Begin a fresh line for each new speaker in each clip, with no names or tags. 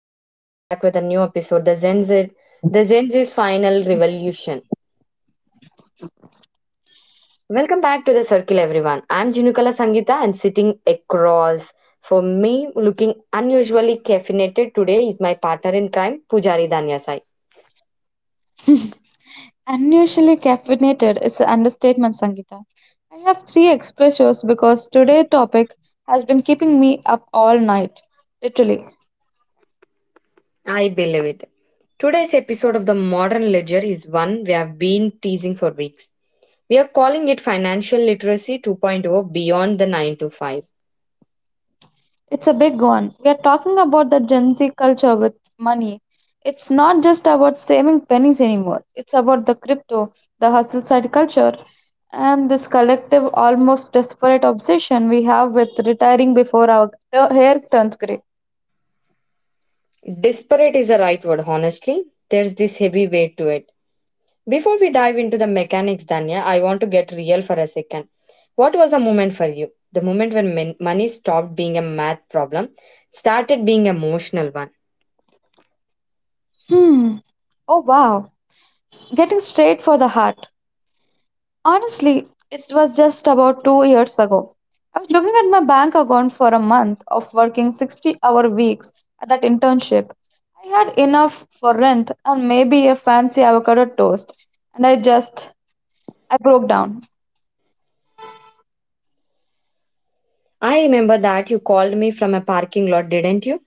and we are back with a new episode, the Gen Z's final revolution. Welcome back to the circle, everyone. I'm Jinukala Sangita, and sitting across for me, looking unusually caffeinated today, is my partner in crime, Pujari Danyasai.
Unusually caffeinated is an understatement, Sangeeta. I have three expressions because today's topic has been keeping me up all night, literally.
I believe it. Today's episode of the Modern Ledger is one we have been teasing for weeks. We are calling it Financial Literacy 2.0, beyond the 9 to 5.
It's a big one. We are talking about the Gen Z culture with money. It's not just about saving pennies anymore. It's about the crypto, the hustle side culture, and this collective, almost desperate obsession we have with retiring before our hair turns gray.
Disparate is the right word, honestly. There's this heavy weight to it. Before we dive into the mechanics, Danya, I want to get real for a second. What was the moment for you? The moment when money stopped being a math problem, started being an emotional one.
Hmm. Oh wow. Getting straight for the heart. Honestly, it was just about 2 years ago. I was looking at my bank account for a month of working 60-hour weeks at that internship. I had enough for rent and maybe a fancy avocado toast, and I broke down.
I remember that you called me from a parking lot, didn't you?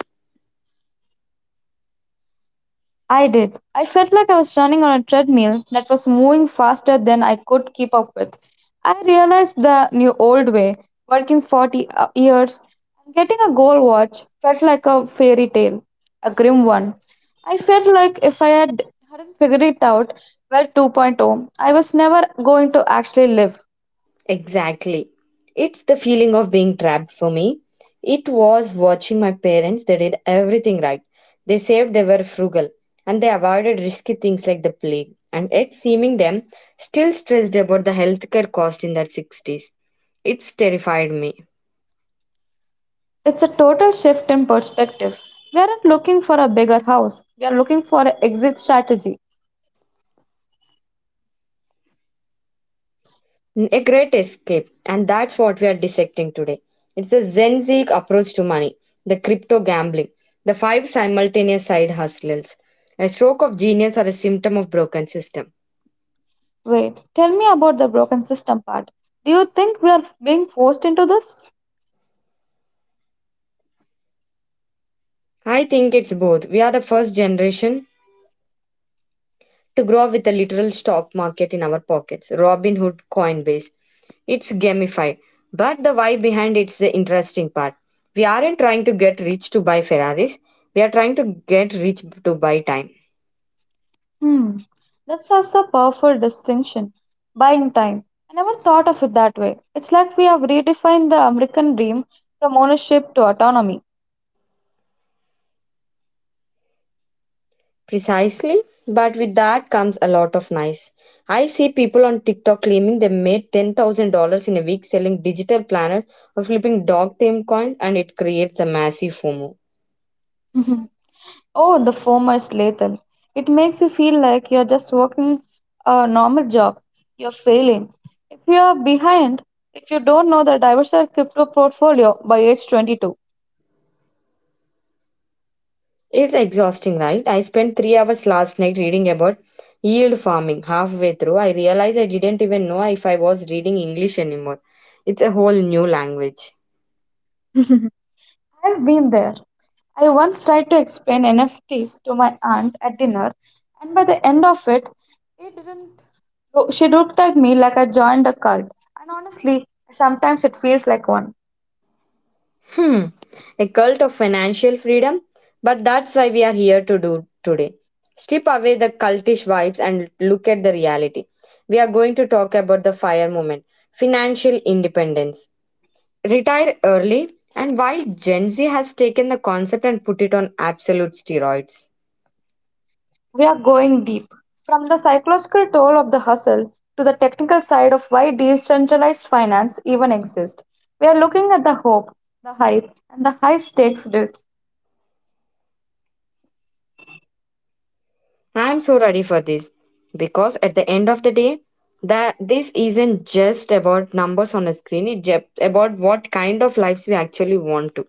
I did. I felt like I was running on a treadmill that was moving faster than I could keep up with. I realized the new old way, working 40 years and getting a gold watch, felt like a fairy tale, a grim one. I felt like if hadn't figured it out, well, 2.0, I was never going to actually live.
Exactly. It's the feeling of being trapped for me. It was watching my parents, they did everything right. They saved, they were frugal, and they avoided risky things like the plague. And yet, seeming them still stressed about the healthcare cost in their 60s, it's terrified me.
It's a total shift in perspective. We aren't looking for a bigger house, we are looking for an exit strategy.
A great escape, and that's what we are dissecting today. It's the Zen Zik approach to money, the crypto gambling, the five simultaneous side hustles. A stroke of genius or a symptom of broken system.
Wait, tell me about the broken system part. Do you think we are being forced into this?
I think it's both. We are the first generation to grow up with a literal stock market in our pockets. Robinhood, Coinbase. It's gamified. But the why behind it's the interesting part. We aren't trying to get rich to buy Ferraris. We are trying to get rich to buy time.
Hmm, that's such a powerful distinction. Buying time. I never thought of it that way. It's like we have redefined the American dream from ownership to autonomy.
Precisely. But with that comes a lot of nice. I see people on TikTok claiming they made $10,000 in a week selling digital planners or flipping dog team coin, and it creates a massive FOMO.
Oh, the former is lethal. It makes you feel like you're just working a normal job. You're failing. If you're behind, if you don't know the diversified crypto portfolio by age 22.
It's exhausting, right? I spent 3 hours last night reading about yield farming. Halfway through, I realized I didn't even know if I was reading English anymore. It's a whole new language.
I've been there. I once tried to explain NFTs to my aunt at dinner, and by the end of it, it didn't. She looked at me like I joined a cult, and honestly, sometimes it feels like one.
Hmm, a cult of financial freedom? But that's why we are here to do today. Strip away the cultish vibes and look at the reality. We are going to talk about the fire movement, financial independence, retire early, and why Gen Z has taken the concept and put it on absolute steroids.
We are going deep from the psychological toll of the hustle to the technical side of why decentralized finance even exists. We are looking at the hope, the hype, and the high stakes risks.
I'm so ready for this because at the end of the day, that this isn't just about numbers on a screen, it's just about what kind of lives we actually want to,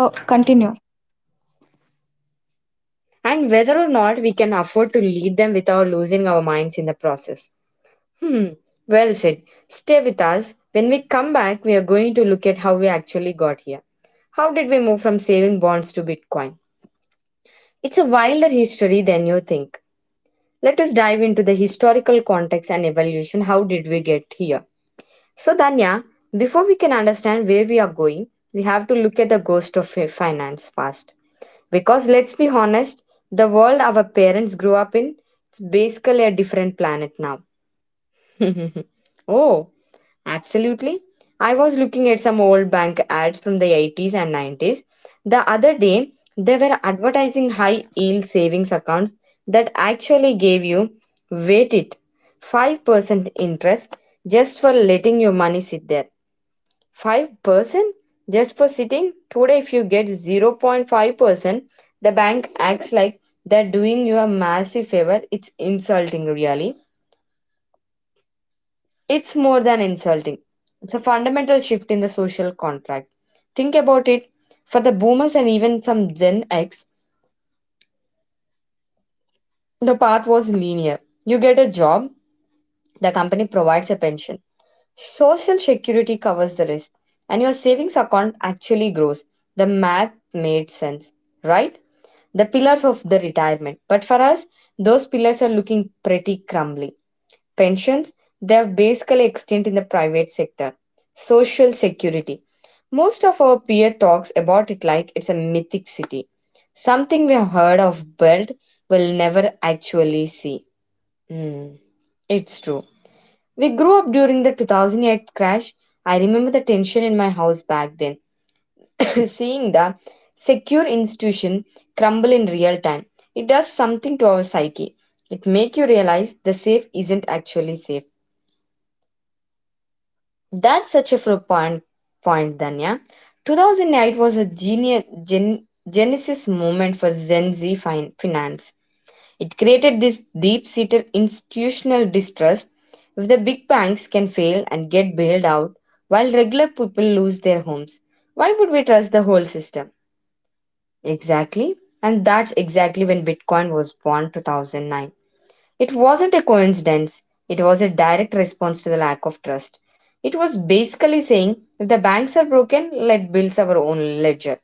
Oh, continue.
and whether or not we can afford to lead them without losing our minds in the process. Hmm, well said. Stay with us. When we come back, we are going to look at how we actually got here. How did we move from saving bonds to Bitcoin? It's a wilder history than you think. Let us dive into the historical context and evolution. How did we get here? So, Danya, before we can understand where we are going, we have to look at the ghost of finance past. Because let's be honest, the world our parents grew up in, it's basically a different planet now. Oh, absolutely. I was looking at some old bank ads from the 80s and 90s. The other day, they were advertising high yield savings accounts that actually gave you, wait it, 5% interest just for letting your money sit there. 5% just for sitting? Today, if you get 0.5%, the bank acts like they're doing you a massive favor. It's insulting, really. It's more than insulting. It's a fundamental shift in the social contract. Think about it. For the boomers and even some Gen X, the path was linear. You get a job, the company provides a pension. Social security covers the rest, and your savings account actually grows. The math made sense, right? The pillars of the retirement. But for us, those pillars are looking pretty crumbly. Pensions, they have basically extinct in the private sector. Social security. Most of our peer talks about it like it's a mythic city. Something we have heard of but will never actually see. Hmm, it's true. We grew up during the 2008 crash. I remember the tension in my house back then, seeing the secure institution crumble in real time. It does something to our psyche. It make you realize the safe isn't actually safe. That's such a pro point, Danya. 2008 was a genius, gen, genesis moment for Gen Z finance. It created this deep-seated institutional distrust. If the big banks can fail and get bailed out, while regular people lose their homes, why would we trust the whole system? Exactly. And that's exactly when Bitcoin was born, 2009. It wasn't a coincidence. It was a direct response to the lack of trust. It was basically saying, if the banks are broken, let build our own ledger.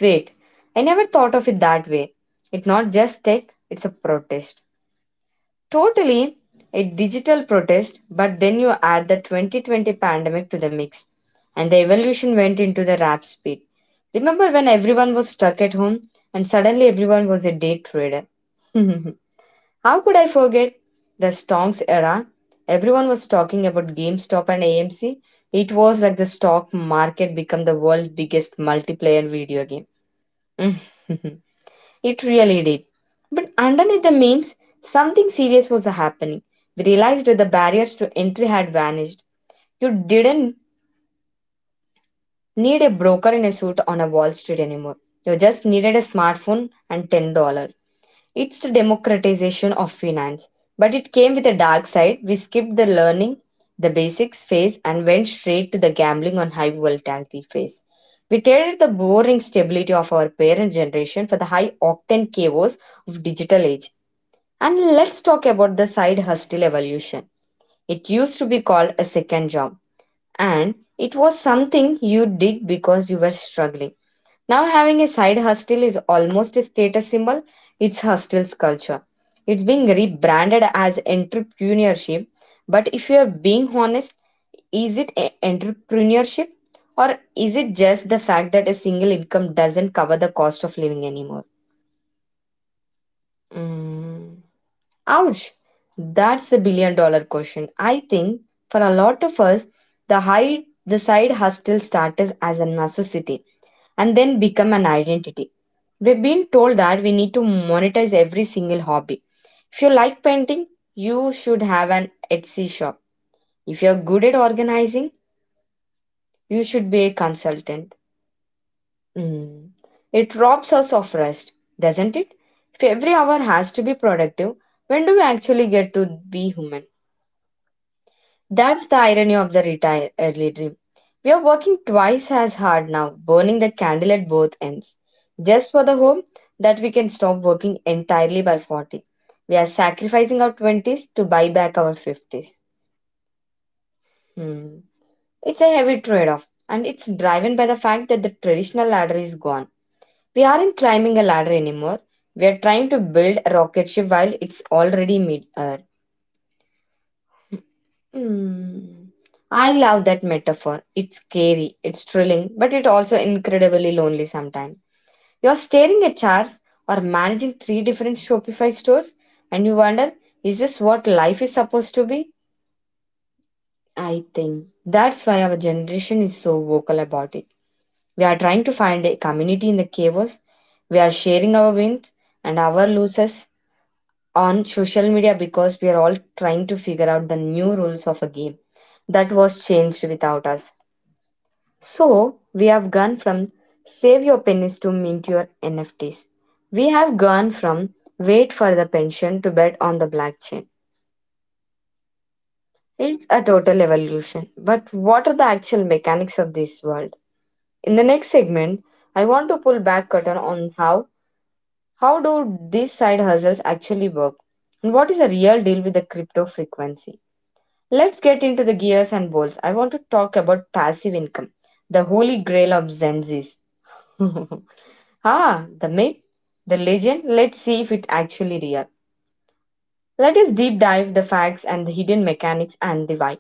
Wait, I never thought of it that way. It's not just tech, it's a protest. Totally a digital protest, but then you add the 2020 pandemic to the mix, and the evolution went into the rap speed. Remember when everyone was stuck at home and suddenly everyone was a day trader? How could I forget the stocks era? Everyone was talking about GameStop and AMC. It was like the stock market become the world's biggest multiplayer video game. It really did. But underneath the memes, something serious was happening. We realized that the barriers to entry had vanished. You didn't need a broker in a suit on a Wall Street anymore. You just needed a smartphone and $10. It's the democratization of finance. But it came with a dark side. We skipped the learning, the basics phase, and went straight to the gambling on high volatility phase. We traded the boring stability of our parents' generation for the high octane chaos of digital age. And let's talk about the side hustle evolution. It used to be called a second job, and it was something you did because you were struggling. Now, having a side hustle is almost a status symbol, it's hustle's culture. It's being rebranded as entrepreneurship, but if you're being honest, is it entrepreneurship, or is it just the fact that a single income doesn't cover the cost of living anymore? Mm. Ouch! That's a billion dollar question. I think for a lot of us, the side hustle started as a necessity and then become an identity. We've been told that we need to monetize every single hobby. If you like painting, you should have an Etsy shop. If you're good at organizing, you should be a consultant. Mm. It robs us of rest, doesn't it? If every hour has to be productive, when do we actually get to be human? That's the irony of the retire early dream. We are working twice as hard now, burning the candle at both ends, just for the hope that we can stop working entirely by 40. We are sacrificing our 20s to buy back our 50s. Hmm. It's a heavy trade off, and it's driven by the fact that the traditional ladder is gone. We aren't climbing a ladder anymore. We are trying to build a rocket ship while it's already mid. Hmm. I love that metaphor. It's scary, it's thrilling, but it's also incredibly lonely sometimes. You're staring at charts or managing three different Shopify stores and you wonder, is this what life is supposed to be? I think that's why our generation is so vocal about it. We are trying to find a community in the chaos. We are sharing our wins and our losses on social media because we are all trying to figure out the new rules of a game that was changed without us. So we have gone from save your pennies to mint your NFTs. We have gone from wait for the pension to bet on the blockchain. It's a total evolution. But what are the actual mechanics of this world? In the next segment, I want to pull back curtain on how do these side hustles actually work and what is the real deal with the crypto frequency. Let's get into the gears and bolts. I want to talk about passive income, the holy grail of Gen Zs. Ah, the myth, the legend, let's see if it's actually real. Let us deep dive the facts and the hidden mechanics and the why.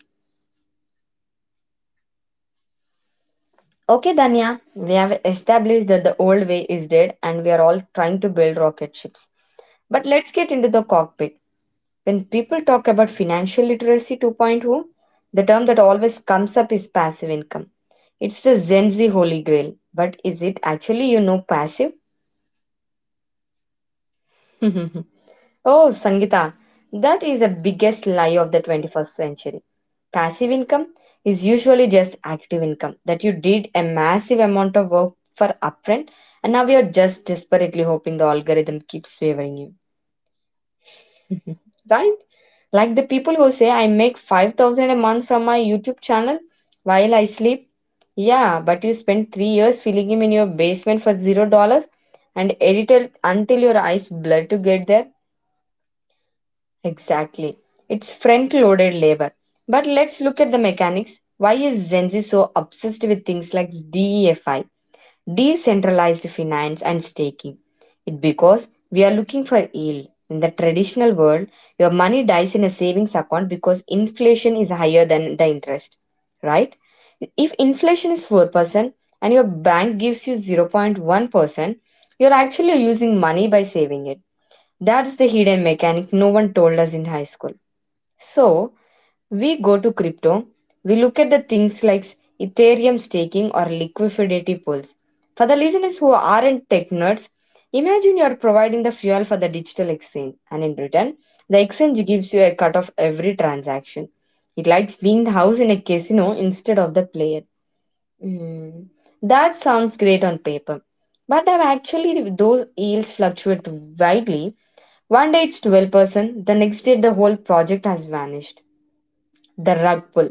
Okay, Danya, we have established that the old way is dead and we are all trying to build rocket ships. But let's get into the cockpit. When people talk about financial literacy 2.0, the term that always comes up is passive income. It's the Gen Z holy grail. But is it actually, you know, passive? Oh, Sangita, that is the biggest lie of the 21st century. Passive income is usually just active income that you did a massive amount of work for upfront, and now you're just desperately hoping the algorithm keeps favoring you. Right? Like the people who say, "I make 5,000 a month from my YouTube channel while I sleep." Yeah, but you spent 3 years filling him in your basement for $0 and edited until your eyes bled to get there. Exactly. It's front loaded labor. But let's look at the mechanics. Why is Gen Z so obsessed with things like DEFI, decentralized finance, and staking? It because we are looking for yield. In the traditional world, your money dies in a savings account because inflation is higher than the interest, right? If inflation is 4% and your bank gives you 0.1%, you're actually losing money by saving it. That's the hidden mechanic no one told us in high school. So, we go to crypto, we look at the things like Ethereum staking or liquidity pools. For the listeners who aren't tech nerds, imagine you are providing the fuel for the digital exchange, and in Britain, the exchange gives you a cut of every transaction. It likes being the house in a casino instead of the player. Hmm. That sounds great on paper, but I've actually those yields fluctuate widely. One day it's 12%, the next day the whole project has vanished. The rug pull.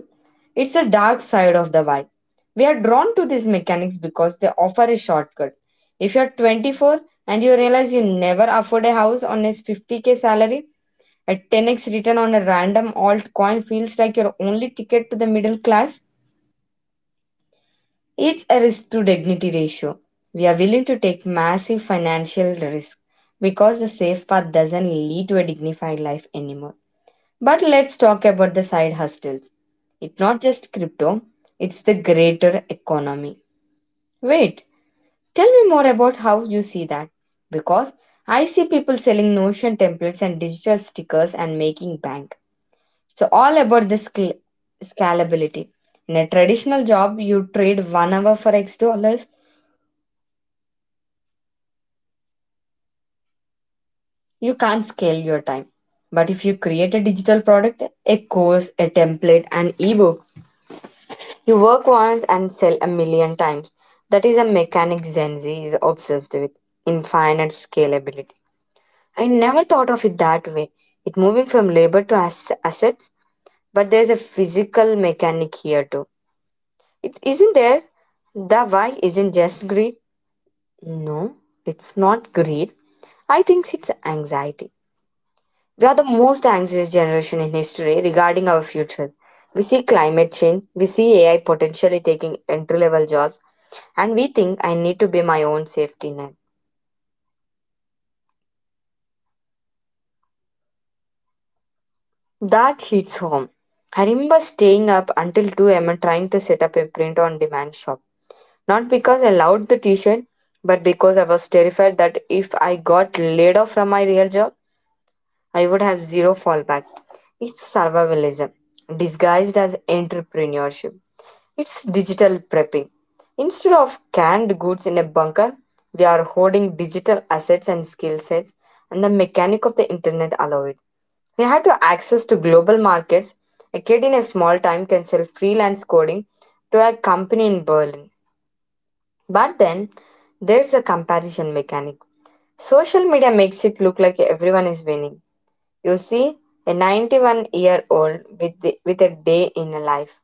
It's a dark side of the why. We are drawn to these mechanics because they offer a shortcut. If you're 24 and you realize you never afford a house on a 50k salary, a 10x return on a random alt coin feels like your only ticket to the middle class. It's a risk to dignity ratio. We are willing to take massive financial risk because the safe path doesn't lead to a dignified life anymore. But let's talk about the side hustles. It's not just crypto, it's the greater economy. Wait, tell me more about how you see that. Because I see people selling Notion templates and digital stickers and making bank. All about the scalability. In a traditional job, you trade one hour for X dollars, you can't scale your time. But if you create a digital product, a course, a template, an ebook, you work once and sell a million times. That is a mechanic Gen Z is obsessed with: infinite scalability. I never thought of it that way. It moving from labor to assets, but there's a physical mechanic here too. It isn't there. The why isn't just greed. No, it's not greed. I think it's anxiety. We are the most anxious generation in history regarding our future. We see climate change, we see AI potentially taking entry level jobs, and we think I need to be my own safety net. That hits home. I remember staying up until 2 a.m. trying to set up a print on demand shop. Not because I loved the t shirt, but because I was terrified that if I got laid off from my real job, I would have zero fallback. It's survivalism disguised as entrepreneurship. It's digital prepping. Instead of canned goods in a bunker, we are hoarding digital assets and skill sets, and the mechanic of the internet allow it. We had to access to global markets. A kid in a small town can sell freelance coding to a company in Berlin. But then there's a comparison mechanic. Social media makes it look like everyone is winning. You see, a 91-year-old with a day in a life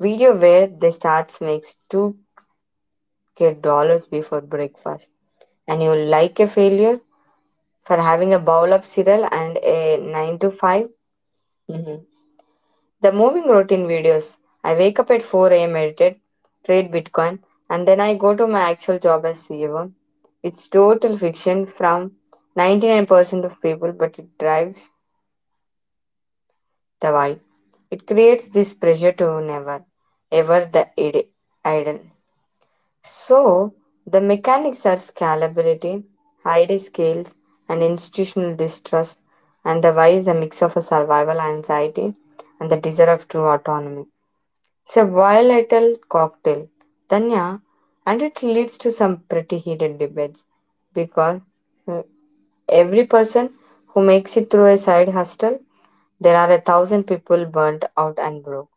video where they starts makes 2k dollars before breakfast and you like a failure for having a bowl of cereal and a 9 to 5. Mhm. The moving routine videos. I wake up at 4 a.m., meditate, trade bitcoin, and then I go to my actual job as CEO. It's total fiction from 99% of people, but it drives the vibe. It creates this pressure to never, ever idle. So, the mechanics are scalability, high scales, and institutional distrust, and the why is a mix of a survival anxiety and the desire of true autonomy. It's a volatile cocktail, Tanya, and it leads to some pretty heated debates because uh, every person who makes it through a side hustle, there are a thousand people burnt out and broke.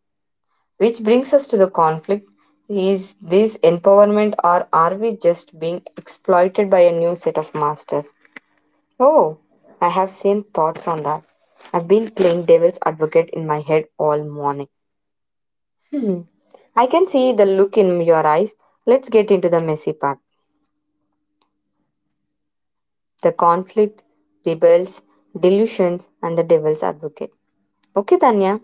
Which brings us to the conflict: is this empowerment, or are we just being exploited by a new set of masters? Oh, I have same thoughts on that. I've been playing devil's advocate in my head all morning. Hmm. I can see the look in your eyes. Let's get into the messy part. The Conflict, Rebels, Delusions, and the Devil's Advocate. Okay, Danya,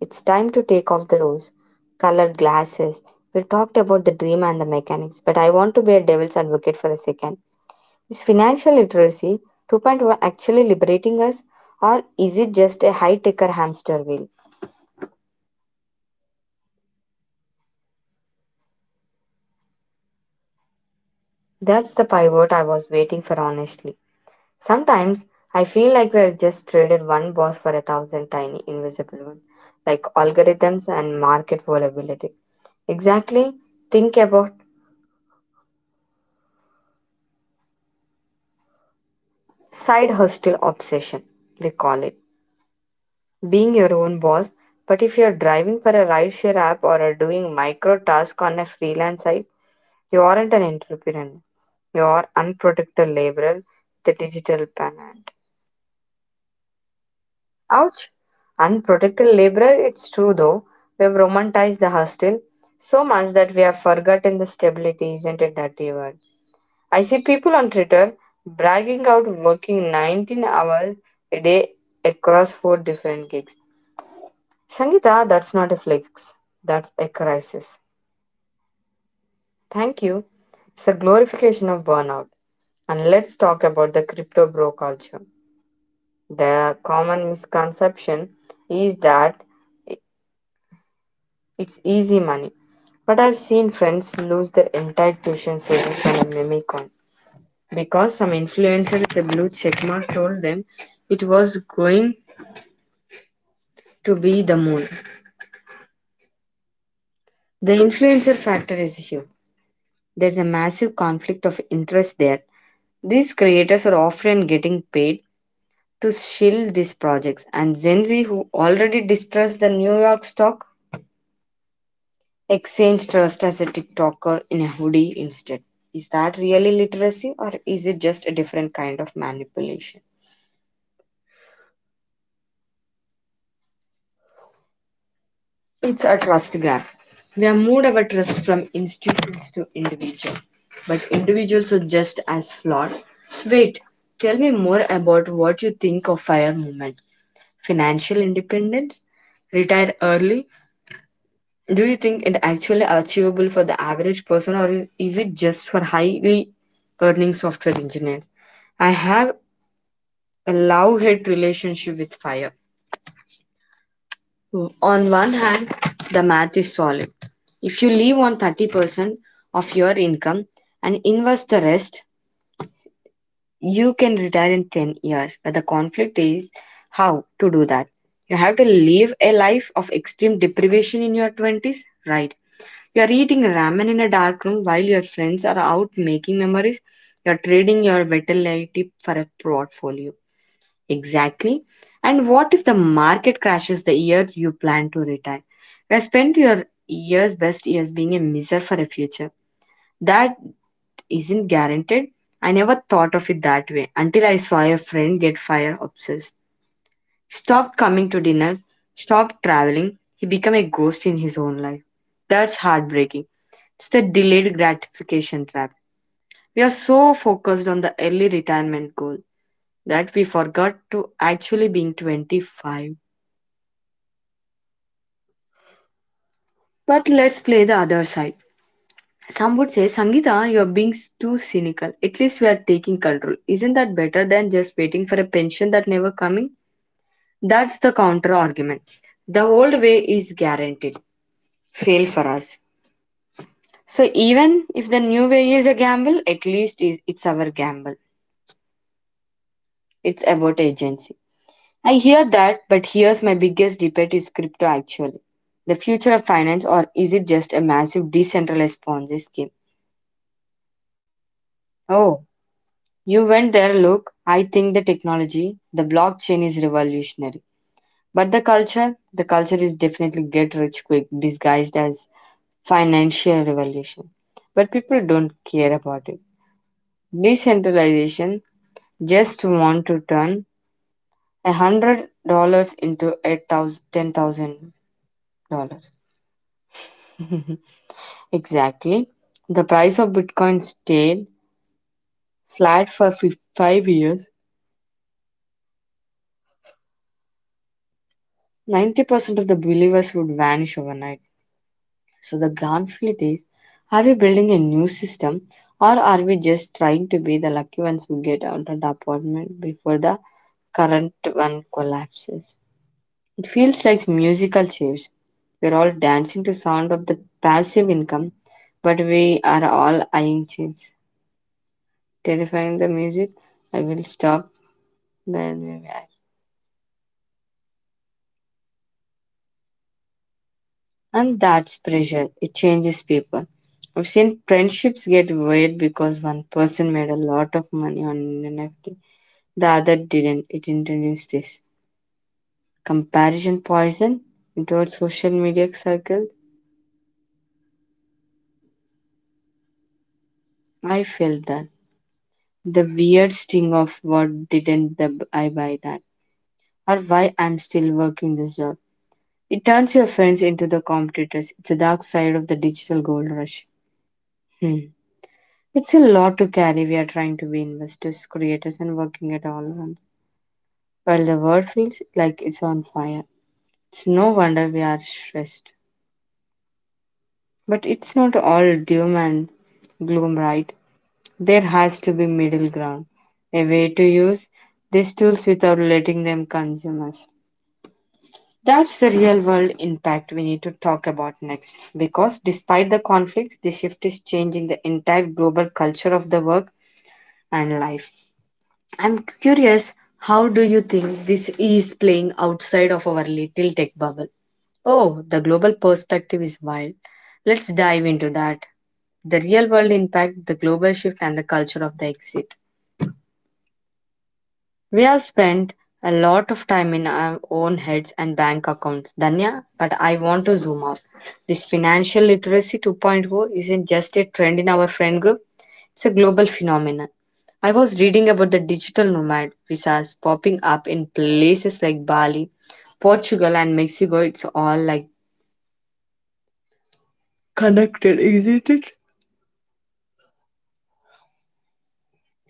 it's time to take off the rose colored glasses. We talked about the dream and the mechanics, but I want to be a devil's advocate for a second. Is financial literacy 2.1 actually liberating us, or is it just a high ticker hamster wheel? That's the pivot I was waiting for, honestly. Sometimes I feel like we have just traded one boss for a thousand tiny invisible ones, like algorithms and market volatility. Exactly, think about side hustle obsession, we call it. Being your own boss, but if you're driving for a rideshare app or are doing micro tasks on a freelance site, you aren't an entrepreneur. You are unprotected laborer, the digital banana. Ouch! Unprotected labor, it's true though. We have romanticized the hostel so much that we have forgotten the stability, isn't it, dirty word? I see people on Twitter bragging out working 19 hours a day across 4 different gigs. Sangeeta, that's not a flex, that's a crisis. Thank you. It's a glorification of burnout. And let's talk about the crypto bro culture. The common misconception is that it's easy money. But I've seen friends lose their entire tuition savings on a mimic coin because some influencer with a blue checkmark told them it was going to be the moon. The influencer factor is huge. There's a massive conflict of interest there. These creators are often getting paid to shill these projects, and Gen Z, who already distrust the New York stock exchange, trust as a TikToker in a hoodie instead. Is that really literacy, or is it just a different kind of manipulation? It's a trust grab. We have moved our trust from institutions to individual, but individuals are just as flawed. Wait, tell me more about what you think of FIRE movement. Financial independence? Retire early? Do you think it actually achievable for the average person, or is it just for highly earning software engineers? I have a love-hate relationship with fire. On one hand, the math is solid. If you leave on 30% of your income and invest the rest, you can retire in 10 years. But the conflict is how to do that. You have to live a life of extreme deprivation in your 20s, right? You are eating ramen in a dark room while your friends are out making memories. You are trading your vitality for a portfolio. Exactly. And what if the market crashes the year you plan to retire? You have spent your years best years being a miser for a future that isn't guaranteed. I never thought of it that way until I saw a friend get fire obsessed. Stopped coming to dinners, stopped traveling. He became a ghost in his own life. That's heartbreaking. It's the delayed gratification trap. We are so focused on the early retirement goal that we forgot to actually being 25. But let's play the other side. Some would say, Sangita, you're being too cynical. At least we are taking control. Isn't that better than just waiting for a pension that never coming? That's the counter argument. The old way is guaranteed. Fail for us. So even if the new way is a gamble, at least it's our gamble. It's about agency. I hear that, but here's my biggest debate: is crypto actually the future of finance, or is it just a massive decentralized Ponzi scheme? Oh, you went there. Look, I think the technology, the blockchain, is revolutionary. But the culture is definitely get rich quick disguised as financial revolution. But people don't care about it. Decentralization just want to turn $100 into eight thousand ten thousand dollars. Exactly. The price of Bitcoin stayed flat for five years. 90% of the believers would vanish overnight. So the conflict is, are we building a new system, or are we just trying to be the lucky ones who get out of the apartment before the current one collapses? It feels like musical chairs. We're all dancing to sound of the passive income, but we are all eyeing change. Terrifying the music, I will stop where we are. And that's pressure. It changes people. I've seen friendships get weird because one person made a lot of money on an NFT. The other didn't. It introduced this comparison poison into our social media circle. I felt that the weird sting of what didn't the, I buy that or why I'm still working this job. It turns your friends into the competitors. It's a dark side of the digital gold rush. Hmm. It's a lot to carry. We are trying to be investors, creators, and working at all once. While the world feels like it's on fire, it's no wonder we are stressed. But it's not all doom and gloom, right? There has to be middle ground, a way to use these tools without letting them consume us. That's the real world impact we need to talk about next. Because despite the conflicts, the shift is changing the entire global culture of the work and life. I'm curious, how do you think this is playing outside of our little tech bubble? Oh, the global perspective is wild. Let's dive into that. The real world impact, the global shift, and the culture of the exit. We have spent a lot of time in our own heads and bank accounts, Danya, but I want to zoom out. This financial literacy 2.0 isn't just a trend in our friend group, it's a global phenomenon. I was reading about the digital nomad visas popping up in places like Bali, Portugal, and Mexico. It's all like,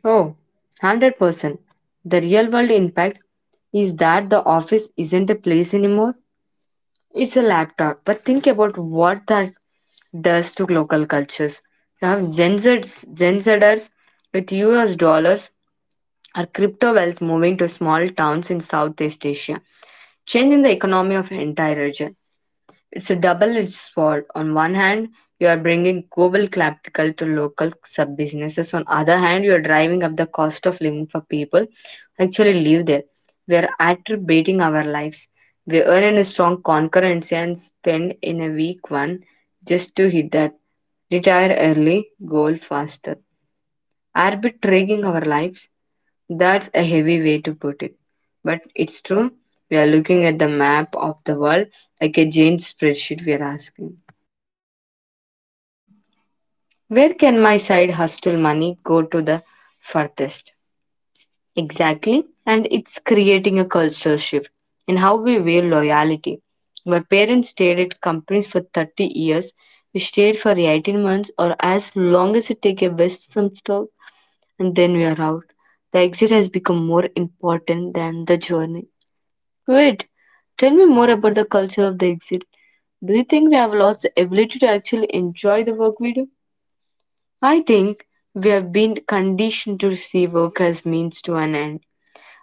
oh, 100%. The real world impact is that the office isn't a place anymore. It's a laptop, but think about what that does to local cultures. You have Gen Zers with US dollars or crypto wealth moving to small towns in Southeast Asia, changing the economy of entire region. It's a double-edged sword. On one hand, you are bringing global capital to local sub-businesses. On other hand, you are driving up the cost of living for people who actually live there. We are attributing our lives. We earn in a strong concurrency and spend in a weak one just to hit that retire early goal faster arbitrating our lives. That's a heavy way to put it. But it's true. We are looking at the map of the world like a giant spreadsheet. We are asking, where can my side hustle money go to the furthest? Exactly. And it's creating a cultural shift in how we weigh loyalty. Where parents stayed at companies for 30 years, we stayed for 18 months or as long as it takes a Western and then we are out. The exit has become more important than the journey. Wait, tell me more about the culture of the exit. Do you think we have lost the ability to actually enjoy the work we do? I think we have been conditioned to see work as means to an end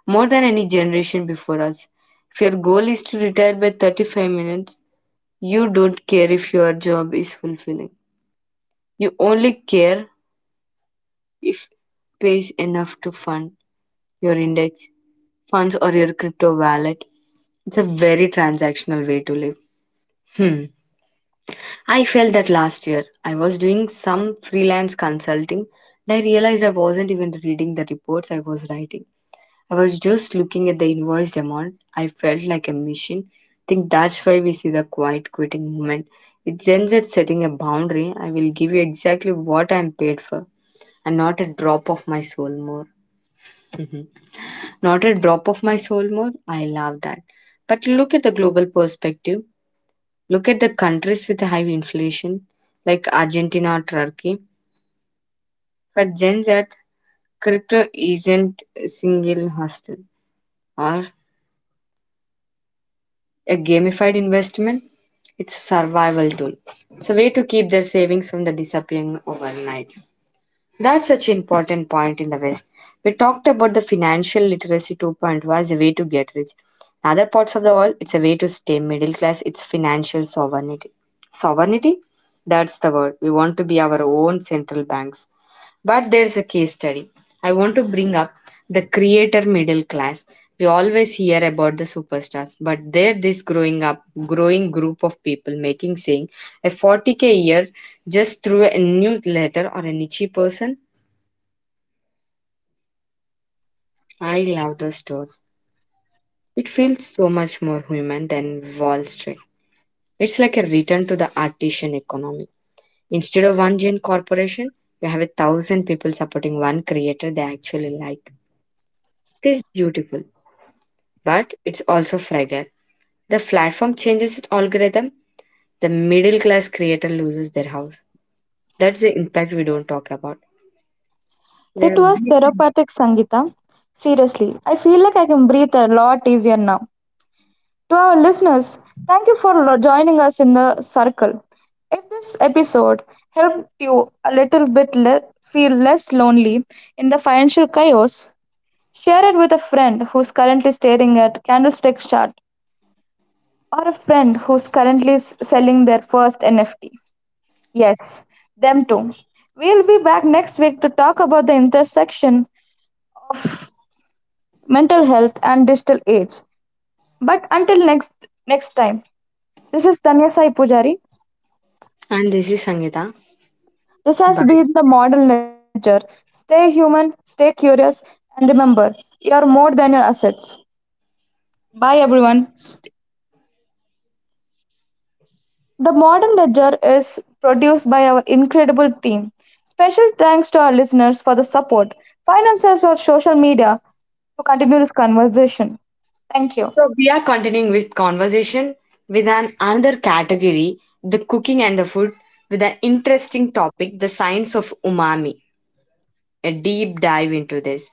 more than any generation before us. If your goal is to retire by 35 minutes, you don't care if your job is fulfilling. You only care if it pays enough to fund your index funds or your crypto wallet. It's a very transactional way to live. Hmm. I felt that last year. I was doing some freelance consulting and I realized I wasn't even reading the reports I was writing. I was just looking at the invoiced amount. I felt like a machine. I think that's why we see the quiet quitting movement. It ends at setting a boundary. I will give you exactly what I am paid for and not a drop of my soul more. Not a drop of my soul more. I love that. But look at the global perspective. Look at the countries with high inflation, like Argentina or Turkey. For Gen Z, crypto isn't a single hustle or a gamified investment. It's a survival tool. It's a way to keep their savings from the disappearing overnight. That's such an important point in the West. We talked about the financial literacy 2.0 point oh as a way to get rich. In other parts of the world, it's a way to stay middle class. It's financial sovereignty. Sovereignty? That's the word. We want to be our own central banks. But there's a case study. I want to bring up the creator middle class. We always hear about the superstars, but they're this growing group of people making saying a 40k a year just through a newsletter or a niche person I love the stores. It feels so much more human than Wall Street. It's like a return to the artisan economy. Instead of one giant corporation, you have a thousand people supporting one creator they actually like. It is beautiful, but it's also fragile. The platform changes its algorithm, the middle class creator loses their house. That's the impact we don't talk about. We
It
have-
was therapeutic, Sangita. Seriously, I feel like I can breathe a lot easier now. To our listeners, thank you for joining us in the circle. If this episode helped you a little bit feel less lonely in the financial chaos, share it with a friend who's currently staring at candlestick chart or a friend who's currently selling their first NFT. Yes, them too. We'll be back next week to talk about the intersection mental health and digital age. But until next time, this is Tanya Sai Pujari.
And this is Sangeeta.
This has
Bye.
been the model nature. Stay human, stay curious, and remember, you are more than your assets. Bye, everyone. The modern ledger is produced by our incredible team. Special thanks to our listeners for the support. Find us on social media to continue this conversation. Thank you.
So we are continuing with conversation with an another category, the cooking and the food, with an interesting topic, the science of umami. A deep dive into this.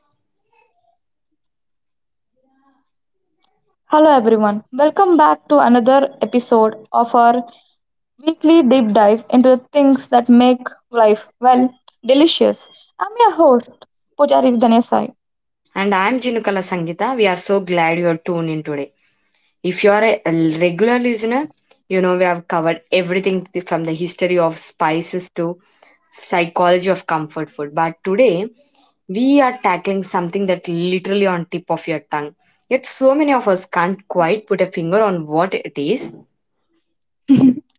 Hello, everyone. Welcome back to another episode of our weekly deep dive into the things that make life, well, delicious. I'm your host, Pujari Dhanesai.
And I am Chinukala Sangita. We are so glad you are tuned in today. If you are a regular listener, you know we have covered everything from the history of spices to psychology of comfort food. But today we are tackling something that literally on tip of your tongue. Yet so many of us can't quite put a finger on what it is.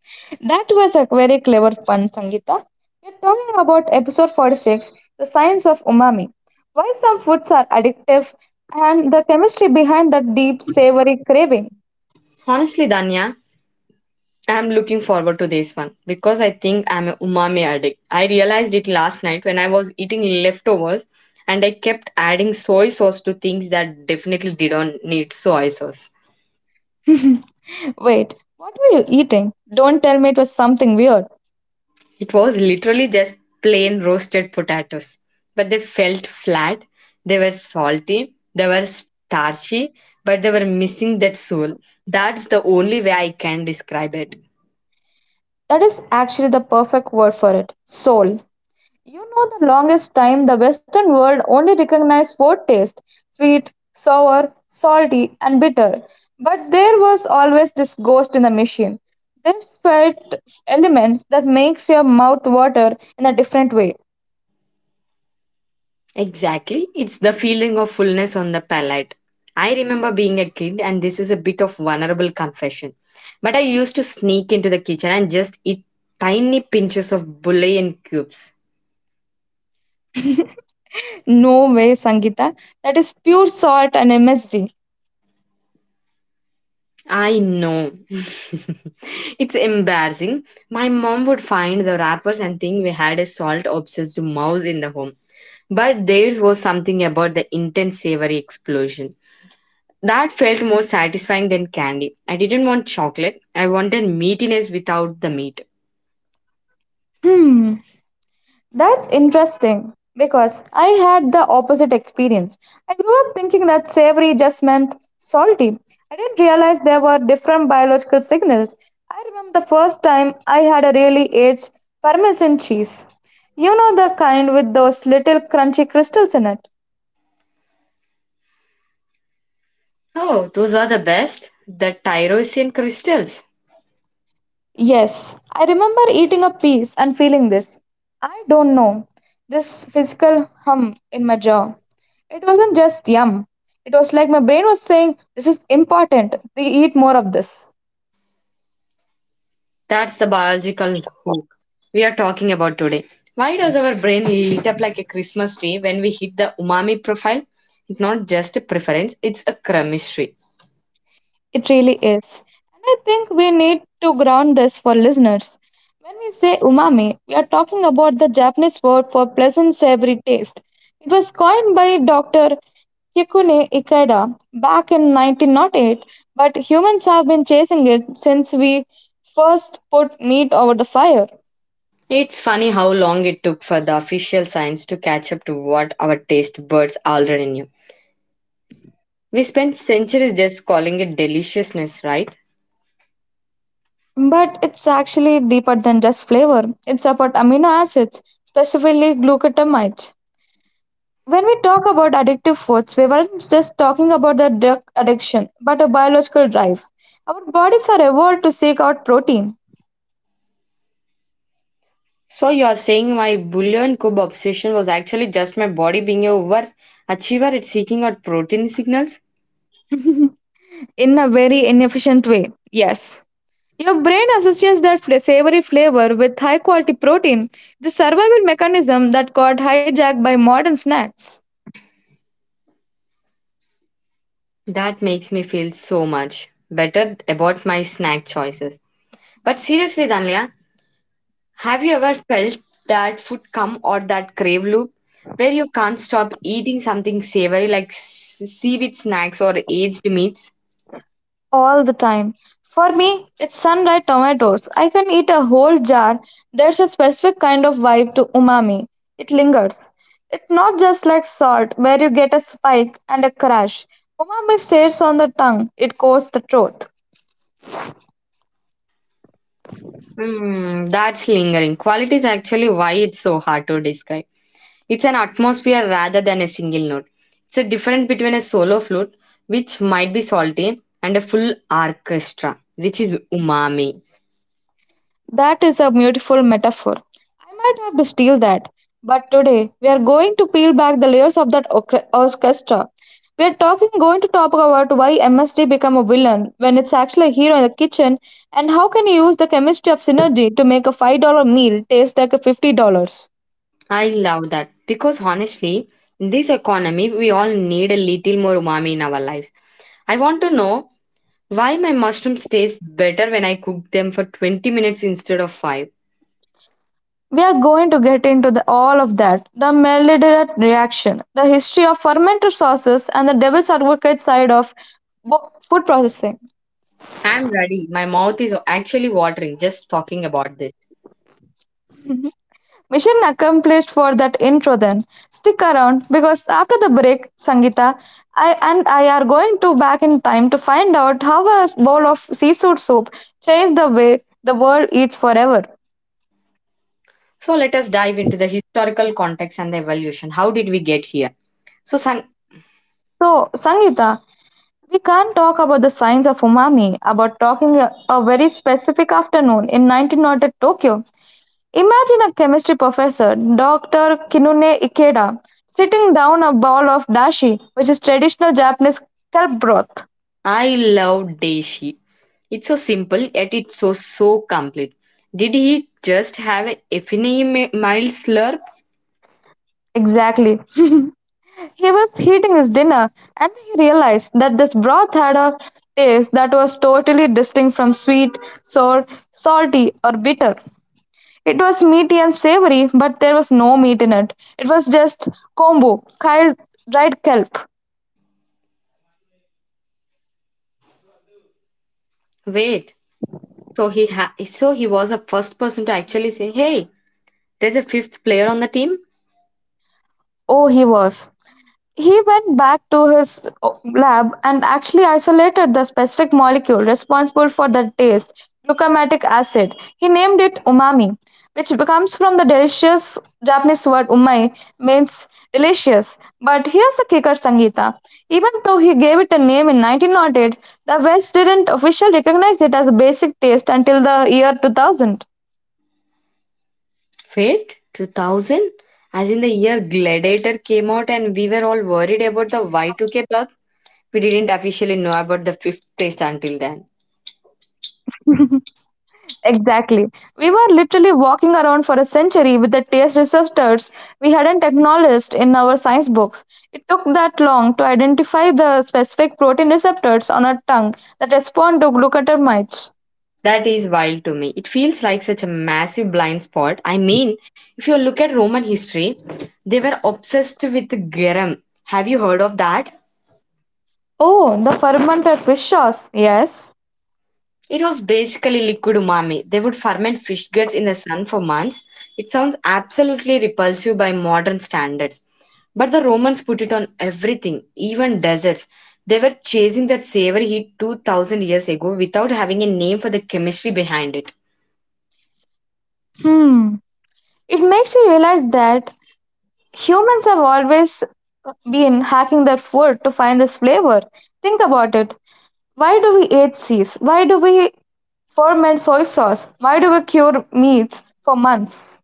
That was a very clever pun, Sangeeta. We're talking about episode 46, The Science of Umami. Why some foods are addictive and the chemistry behind that deep, savory craving.
Honestly, Danya, I'm looking forward to this one because I think I'm a umami addict. I realized it last night when I was eating leftovers and I kept adding soy sauce to things that definitely didn't need soy sauce.
Wait, what were you eating? Don't tell me it was something weird.
It was literally just plain roasted potatoes, but they felt flat. They were salty, they were starchy, but they were missing that soul. That's the only way I can describe it.
That is actually the perfect word for it, soul. You know, the longest time the Western world only recognized four tastes: sweet, sour, salty, and bitter. But there was always this ghost in the machine, this fat element that makes your mouth water in a different way.
Exactly, it's the feeling of fullness on the palate. I remember being a kid, and this is a bit of vulnerable confession, but I used to sneak into the kitchen and just eat tiny pinches of bouillon cubes.
No way, Sangeeta. That is pure salt and MSG.
I know. It's embarrassing. My mom would find the wrappers and think we had a salt obsessed mouse in the home. But theirs was something about the intense savory explosion. That felt more satisfying than candy. I didn't want chocolate. I wanted meatiness without the meat.
Hmm. That's interesting because I had the opposite experience. I grew up thinking that savory just meant salty. I didn't realize there were different biological signals. I remember the first time I had a really aged parmesan cheese. You know the kind with those little crunchy crystals in it.
Oh, those are the best. The tyrosian crystals.
Yes, I remember eating a piece and feeling this. I don't know. This physical hum in my jaw. It wasn't just yum. It was like my brain was saying, "This is important. They eat more of this."
That's the biological hook we are talking about today. Why does our brain light up like a Christmas tree when we hit the umami profile? It's not just a preference, it's a chemistry.
It really is. And I think we need to ground this for listeners. When we say umami, we are talking about the Japanese word for pleasant savory taste. It was coined by Dr. Kikune Ikeda back in 1908, but humans have been chasing it since we first put meat over the fire.
It's funny how long it took for the official science to catch up to what our taste buds already knew. We spent centuries just calling it deliciousness, right?
But it's actually deeper than just flavor. It's about amino acids, specifically glucotamide. When we talk about addictive foods, we weren't just talking about the drug addiction, but a biological drive. Our bodies are evolved to seek out protein.
So you're saying my bouillon cube obsession was actually just my body being a overachiever at seeking out protein signals?
In a very inefficient way. Yes. Your brain associates that savory flavor with high quality protein, the survival mechanism that got hijacked by modern snacks.
That makes me feel so much better about my snack choices. But seriously, Danya, have you ever felt that food come or that crave loop where you can't stop eating something savory like seaweed snacks or aged meats?
All the time. For me, it's sun-dried tomatoes. I can eat a whole jar. There's a specific kind of vibe to umami. It lingers. It's not just like salt, where you get a spike and a crash. Umami stays on the tongue. It coats the throat.
Hmm, that's lingering. Quality is actually why it's so hard to describe. It's an atmosphere rather than a single note. It's a difference between a solo flute, which might be salty, and a full orchestra, which is umami.
That is a beautiful metaphor. I might have to steal that. But today, we are going to peel back the layers of that orchestra. We are talking going to talk about why MSD become a villain when it's actually a hero in the kitchen, and how can you use the chemistry of synergy to make a $5 meal taste like a $50.
I love that because honestly, in this economy, we all need a little more umami in our lives. I want to know why my mushrooms taste better when I cook them for 20 minutes instead of 5.
We are going to get into all of that, the Meliderat reaction, the history of fermented sauces, and the devil's advocate side of food processing.
I'm ready. My mouth is actually watering just talking about this.
Mission accomplished for that intro then. Stick around because after the break, Sangita and I are going to back in time to find out how a bowl of seafood soup changed the way the world eats forever.
So let us dive into the historical context and the evolution. How did we get here? So sang-
So, Sangita, we can't talk about the science of umami about talking a very specific afternoon in 1900 Tokyo. Imagine a chemistry professor, Dr. Kinune Ikeda, sitting down a bowl of dashi, which is traditional Japanese kelp broth.
I love Deshi. It's so simple yet it's so complete. Did he just have a mild slurp?
Exactly. He was eating his dinner and he realized that this broth had a taste that was totally distinct from sweet, sour, salty, or bitter. It was meaty and savory, but there was no meat in it. It was just kombu, killed dried kelp.
Wait. So he was the first person to actually say, "Hey, there's a fifth player on the team."
Oh, he was. He went back to his lab and actually isolated the specific molecule responsible for the taste, glucamatic acid. He named it umami, which comes from the delicious Japanese word umai, means delicious. But here's the kicker, Sangeeta. Even though he gave it a name in 1908, the West didn't officially recognize it as a basic taste until the year 2000.
Fate 2000, as in the year Gladiator came out, and we were all worried about the Y2K bug. We didn't officially know about the fifth test until then.
Exactly. We were literally walking around for a century with the taste receptors we hadn't acknowledged in our science books. It took that long to identify the specific protein receptors on our tongue that respond to glucotamines.
That is wild to me. It feels like such a massive blind spot. I mean, if you look at Roman history, they were obsessed with Garum. Have you heard of that?
Oh, the fermented fish sauce. Yes.
It was basically liquid umami. They would ferment fish guts in the sun for months. It sounds absolutely repulsive by modern standards. But the Romans put it on everything, even desserts. They were chasing that savory heat 2000 years ago without having a name for the chemistry behind it.
Hmm. It makes you realize that humans have always been hacking their food to find this flavor. Think about it. Why do we age seas? Why do we ferment soy sauce? Why do we cure meats for months?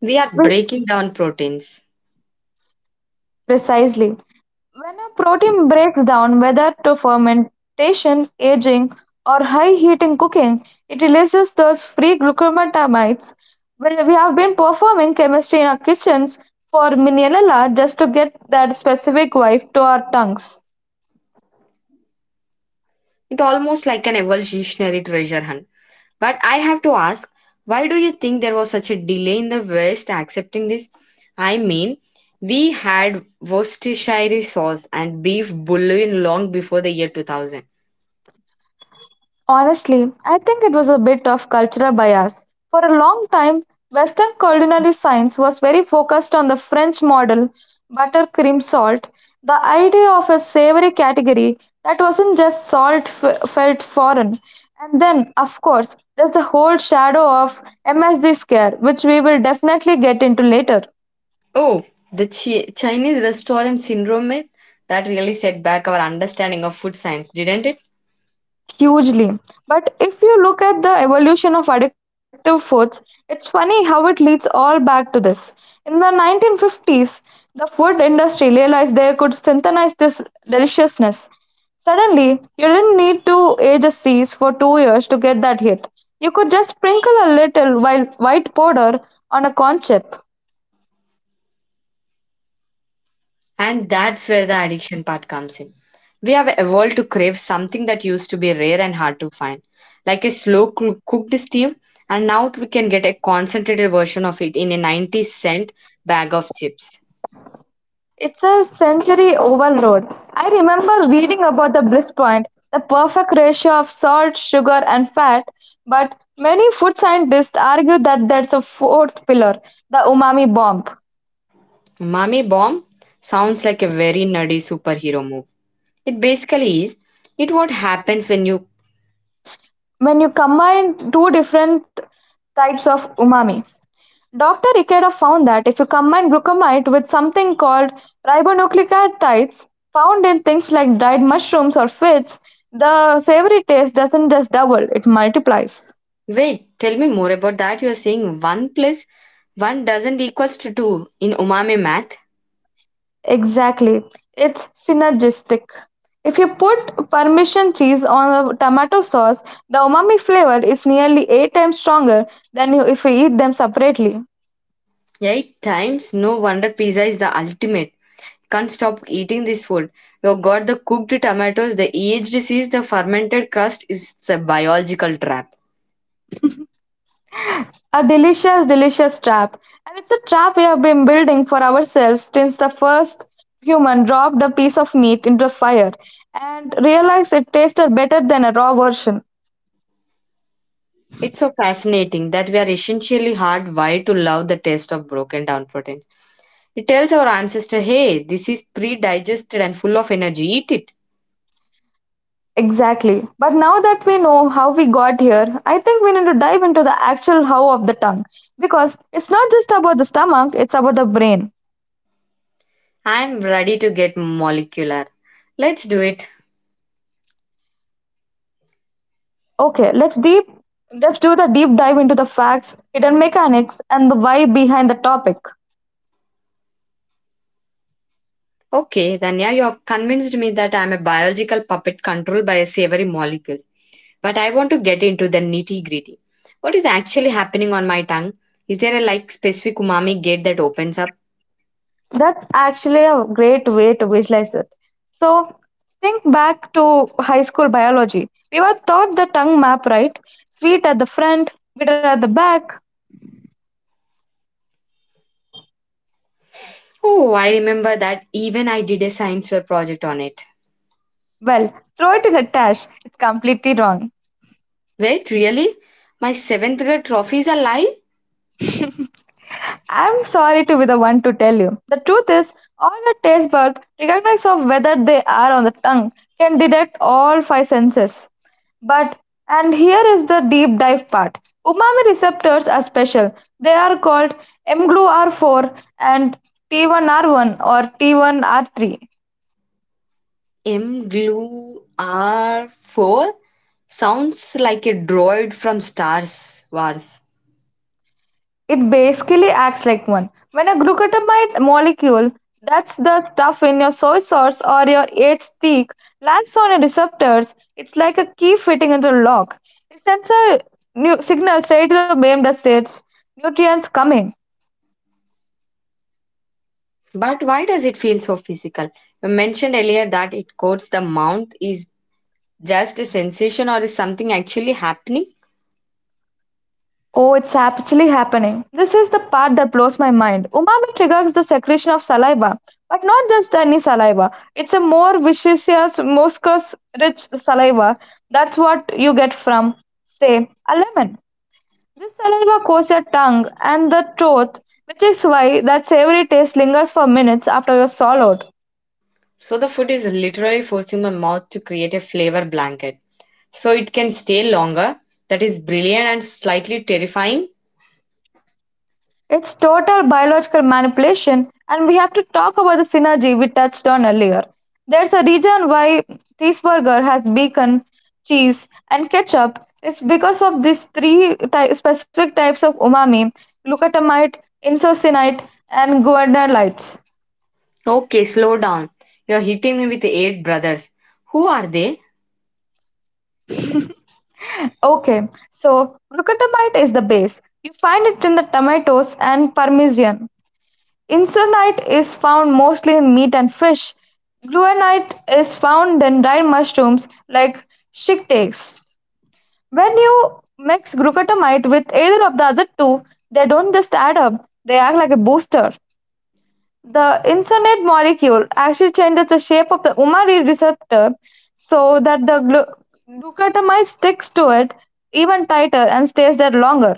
We are
We-
breaking down proteins.
Precisely. When a protein breaks down, whether to fermentation, aging, or high heating cooking, it releases those free glucomatamides. Well, we have been performing chemistry in our kitchens for millennia just to get that specific wife to our tongues.
It's almost like an evolutionary treasure hunt. But I have to ask, why do you think there was such a delay in the West accepting this? I mean, we had Worcestershire sauce and beef bouillon long before the year 2000.
Honestly, I think it was a bit of cultural bias. For a long time, Western culinary science was very focused on the French model: butter, cream, salt. The idea of a savory category that wasn't just salt felt foreign. And then, of course, there's the whole shadow of MSG scare, which we will definitely get into later.
Oh, the Chinese restaurant syndrome myth? That really set back our understanding of food science, didn't it?
Hugely. But if you look at the evolution of addictive foods, it's funny how it leads all back to this. In the 1950s, the food industry realized they could synthesize this deliciousness. Suddenly, you didn't need to age a cease for 2 years to get that hit. You could just sprinkle a little while white powder on a corn chip.
And that's where the addiction part comes in. We have evolved to crave something that used to be rare and hard to find, like a cooked stew, and now we can get a concentrated version of it in a 90¢ bag of chips.
It's a sensory overload. I remember reading about the bliss point, the perfect ratio of salt, sugar, and fat, but many food scientists argue that there's a fourth pillar, the umami bomb,
Umami bomb sounds like a very nerdy superhero move. It basically is. It what happens when you.
when you combine two different types of umami. Dr. Ikeda found that if you combine glucamide with something called ribonucleotides found in things like dried mushrooms or fish, the savory taste doesn't just double, it multiplies.
Wait, tell me more about that. You're saying one plus one doesn't equals to two in umami math.
Exactly. It's synergistic. If you put Parmesan cheese on a tomato sauce, the umami flavor is nearly 8 times stronger than if you eat them separately.
Eight times, no wonder pizza is the ultimate can't stop eating this food. You've got the cooked tomatoes, the aged disease, the fermented crust is a biological trap.
A delicious, delicious trap. And it's a trap we have been building for ourselves since the first human dropped a piece of meat into a fire and realized it tasted better than a raw version.
It's so fascinating that we are essentially hardwired to love the taste of broken down proteins. It tells our ancestor, hey, this is pre digested and full of energy, eat it.
Exactly. But now that we know how we got here, I think we need to dive into the actual how of the tongue because it's not just about the stomach, it's about the brain.
I'm ready to get molecular. Let's do it.
Okay, let's deep let's do the deep dive into the facts, hidden mechanics and the why behind the topic.
Okay, then yeah, you have convinced me that I'm a biological puppet controlled by a savory molecules. But I want to get into the nitty gritty. What is actually happening on my tongue? Is there a like specific umami gate that opens up?
That's actually a great way to visualize it. So, think back to high school biology. We were taught the tongue map, right? Sweet at the front, bitter at the back.
Oh, I remember that even I did a science fair project on it.
Well, throw it in a trash. It's completely wrong.
Wait, really? My seventh grade trophy is a lie?
I'm sorry to be the one to tell you. The truth is, all your taste buds recognize of whether they are on the tongue can detect all five senses. But, and here is the deep dive part. Umami receptors are special. They are called mGluR4 and T1R1 or T1R3.
M glue R4? Sounds like a droid from Star Wars.
It basically acts like one. When a glucotamide molecule, that's the stuff in your soy sauce or your H-teak, lands on your receptors, it's like a key fitting into a lock. It sends a new signal straight to the brain that states, nutrients coming.
But why does it feel so physical? You mentioned earlier that it coats the mouth. Is just a sensation or is something actually happening?
Oh, it's actually happening. This is the part that blows my mind. Umami triggers the secretion of saliva, but not just any saliva. It's a more viscous, mucus rich saliva. That's what you get from, say, a lemon. This saliva coats your tongue and the throat, which is why that savory taste lingers for minutes after you're swallowed.
So the food is literally forcing my mouth to create a flavor blanket. So it can stay longer. That is brilliant and slightly terrifying.
It's total biological manipulation, and we have to talk about the synergy we touched on earlier. There's a reason why cheeseburger has bacon, cheese, and ketchup. It's because of these specific types of umami: glucotamide, isocyanates, and guanylate.
Okay, slow down. You're hitting me with eight brothers. Who are they?
Okay, so glucotamide is the base. You find it in the tomatoes and parmesan. Insulinite is found mostly in meat and fish. Gluenite is found in dried mushrooms like shiitake. When you mix glucotamide with either of the other two, they don't just add up, they act like a booster. The insulinate molecule actually changes the shape of the umami receptor so that the glucotamide sticks to it even tighter and stays there longer.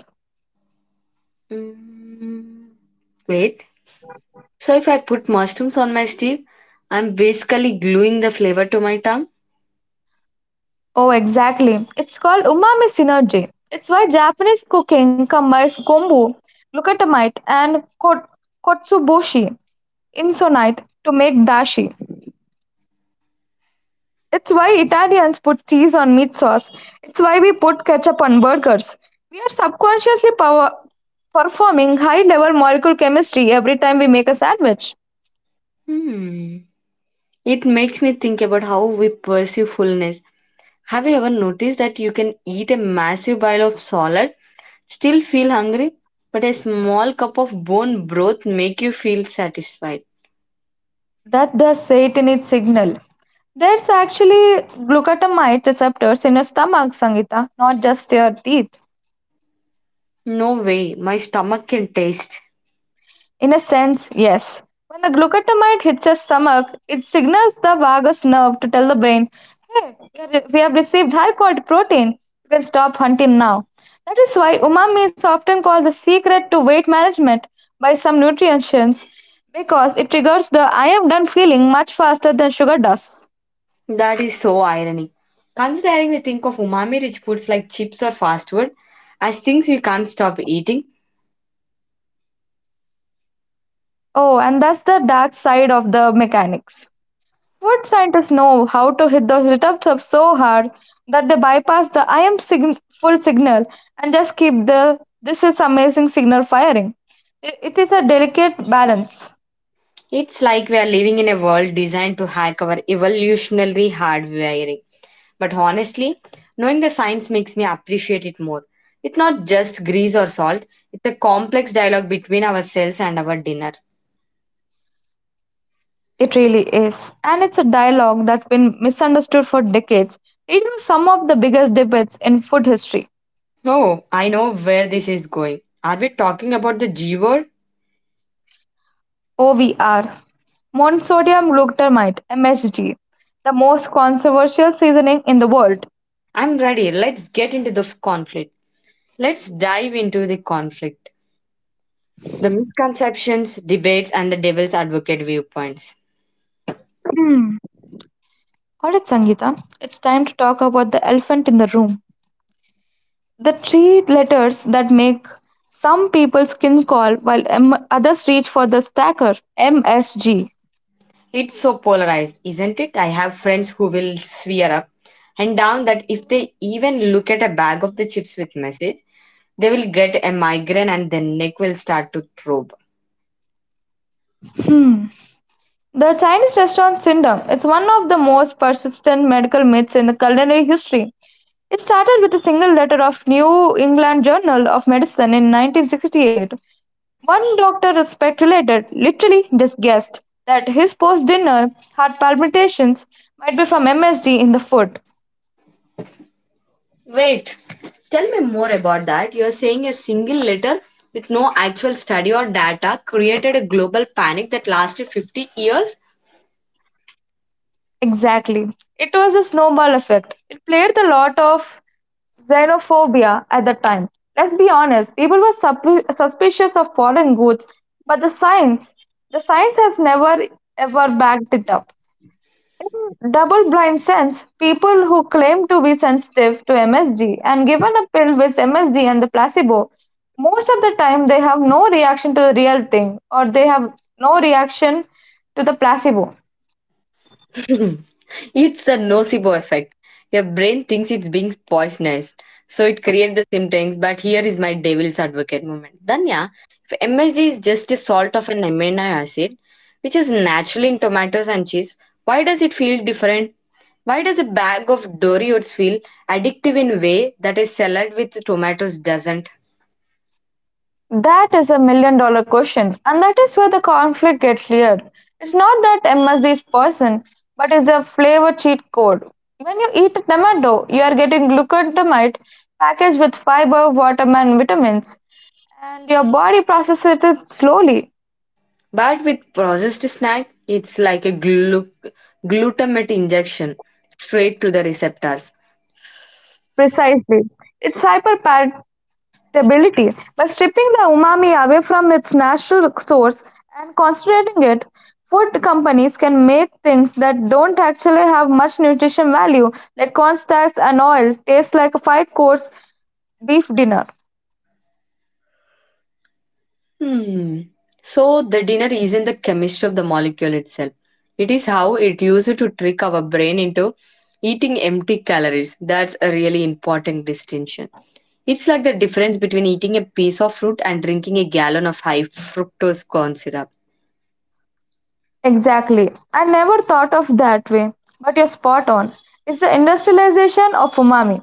Mm, wait. So if I put mushrooms on my stew, I'm basically gluing the flavor to my tongue.
Oh, exactly. It's called umami synergy. It's why Japanese cooking combines kombu, glutamate, and kotsuboshi, insonite, to make dashi. It's why Italians put cheese on meat sauce. It's why we put ketchup on burgers. We are subconsciously performing high level molecular chemistry every time we make a sandwich.
Hmm. It makes me think about how we pursue fullness. Have you ever noticed that you can eat a massive bowl of salad, still feel hungry, but a small cup of bone broth make you feel satisfied?
That the Satanid signal. There's actually glutamate receptors in your stomach, Sangita, not just your teeth.
No way, my stomach can taste.
In a sense, yes. When the glucotamide hits your stomach, it signals the vagus nerve to tell the brain, hey, we have received high quality protein. You can stop hunting now. That is why umami is often called the secret to weight management by some nutritionists because it triggers the I am done feeling much faster than sugar does.
That is so ironic. Considering we think of umami-rich foods like chips or fast food as things we can't stop eating,
Oh, and that's the dark side of the mechanics. Food scientists know how to hit the receptor so hard that they bypass the full signal and just keep the this is amazing signal firing. It is a delicate balance.
it's like we are living in a world designed to hack our evolutionary hardwiring. But honestly, knowing the science makes me appreciate it more. It's not just grease or salt, it's a complex dialogue between ourselves and our dinner.
It really is. And it's a dialogue that's been misunderstood for decades, leading to some of the biggest debates in food history.
Oh, I know where this is going. Are we talking about the G word?
OVR, monosodium glutamate, MSG, the most controversial seasoning in the world.
I'm ready. Let's get into the f- conflict. Let's dive into the conflict. The misconceptions, debates, and the devil's advocate viewpoints.
Hmm. Alright, Sangeeta, it's time to talk about the elephant in the room. The three letters that make some people's skin crawl while others reach for the stacker MSG.
It's so polarized, isn't it? I have friends who will swear up and down that if they even look at a bag of the chips with message, they will get a migraine and their neck will start to throb.
Hmm. The Chinese restaurant syndrome. It's one of the most persistent medical myths in the culinary history. It started with a single letter of New England Journal of Medicine in 1968. One doctor speculated, literally just guessed, that his post dinner heart palpitations might be from MSD in the foot.
Wait, tell me more about that. You're saying a single letter with no actual study or data created a global panic that lasted 50 years?
Exactly. It was a snowball effect. It played the lot of xenophobia at the time. Let's be honest, people were suspicious of foreign goods, but the science has never ever backed it up. In double-blind sense, people who claim to be sensitive to MSG and given a pill with MSG and the placebo, most of the time they have no reaction to the real thing or they have no reaction to the placebo.
It's the nocebo effect. Your brain thinks it's being poisonous, so it creates the symptoms. But here is my devil's advocate moment. Then yeah, if MSG is just a salt of an amino acid, which is naturally in tomatoes and cheese, why does it feel different? Why does a bag of Doritos feel addictive in a way that a salad with tomatoes doesn't?
That is a million dollar question, and that is where the conflict gets layered. It's not that MSG is poison, but it's a flavor cheat code. When you eat a tomato, you are getting glucosamine packaged with fiber, water, and vitamins, and your body processes it slowly,
But with processed snack, it's like a glutamate injection straight to the receptors.
precisely. It's hyper stability by stripping the umami away from its natural source and concentrating it, food companies can make things that don't actually have much nutrition value like corn starch and oil taste like a five course beef dinner.
Hmm. So the dinner isn't the chemistry of the molecule itself. It is how it used to trick our brain into eating empty calories. That's a really important distinction. It's like the difference between eating a piece of fruit and drinking a gallon of high fructose corn syrup.
Exactly. I never thought of that way, but you're spot on. It's the industrialization of umami.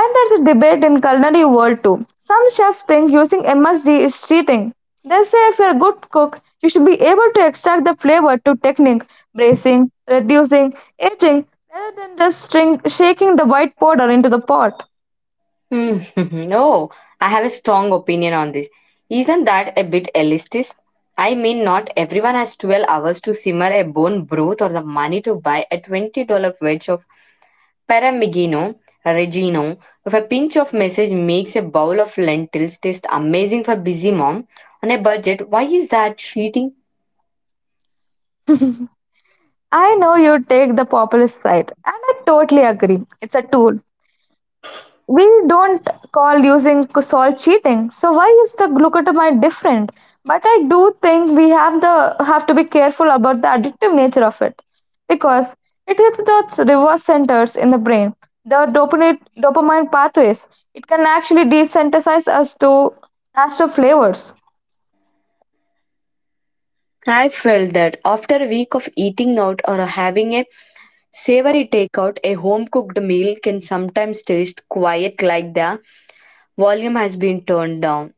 And there's a debate in culinary world too. Some chefs think using MSG is cheating. They say if you're a good cook, you should be able to extract the flavor through technique, bracing, reducing, aging, rather than just string, shaking the white powder into the pot.
Hmm. Oh, I have a strong opinion on this. Isn't that a bit elitist? I mean, not everyone has 12 hours to simmer a bone broth or the money to buy a $20 wedge of Paramigino, Regino, with a pinch of message makes a bowl of lentils taste amazing for busy mom on a budget. Why is that cheating?
I know you take the populist side, and I totally agree. It's a tool. We don't call using salt cheating, so why is the glucotamine different? But I do think we have the have to be careful about the addictive nature of it, because it hits the reverse centers in the brain, the dopamine pathways. It can actually desensitize us to as to flavors.
I felt that after a week of eating out or having a savory takeout, a home cooked meal can sometimes taste quiet like the volume has been turned down.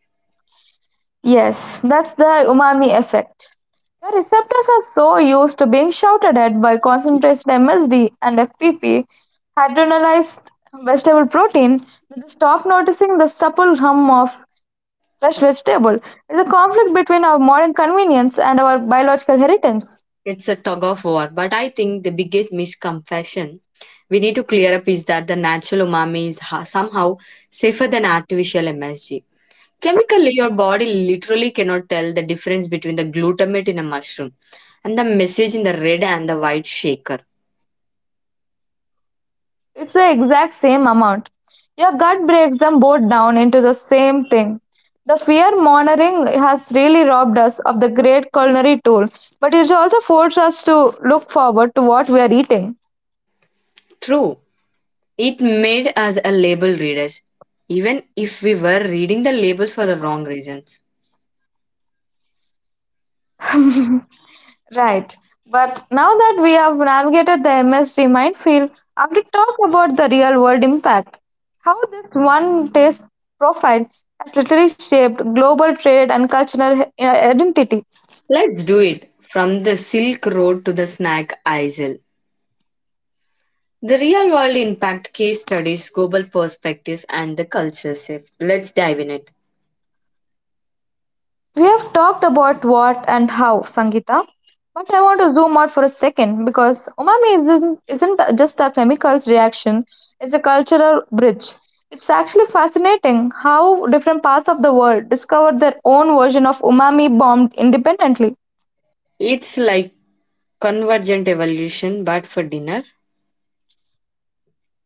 Yes, that's the umami effect. The receptors are so used to being shouted at by concentrated MSD and FPP hydrogenated vegetable protein that they stop noticing the supple hum of fresh vegetable. It's a conflict between our modern convenience and our biological heritage.
It's a tug of war, but I think the biggest misconception we need to clear up is that the natural umami is somehow safer than artificial MSG. Chemically, your body literally cannot tell the difference between the glutamate in a mushroom and the message in the red and the white shaker.
It's the exact same amount. Your gut breaks them both down into the same thing. The fear mongering has really robbed us of the great culinary tool, but it also forced us to look forward to what we are eating.
True, it made us a label readers, even if we were reading the labels for the wrong reasons.
Right. But now that we have navigated the MSG minefield, I want to talk about the real world impact. How this one taste profile has literally shaped global trade and cultural identity.
Let's do it from the Silk Road to the snack aisle. The real world impact case studies, global perspectives, and the culture shift. Let's dive in it.
We have talked about what and how, Sangeeta, but I want to zoom out for a second because umami isn't just a chemicals reaction, it's a cultural bridge. It's actually fascinating how different parts of the world discovered their own version of umami bombed independently.
It's like convergent evolution, but for dinner.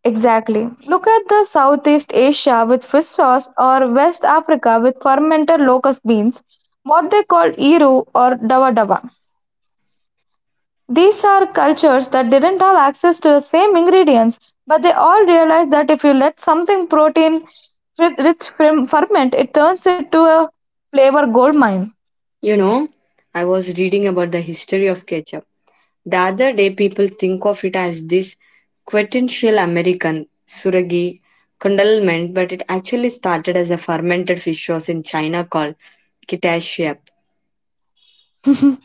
Exactly. Look at the Southeast Asia with fish sauce or West Africa with fermented locust beans, what they call iru or dawa dawa. These are cultures that didn't have access to the same ingredients, but they all realized that if you let something protein rich ferment, it turns it to a flavor gold mine.
You know, I was reading about the history of ketchup. The other day, people think of it as this quintessential American suragi condiment, but it actually started as a fermented fish sauce in China called ketchup.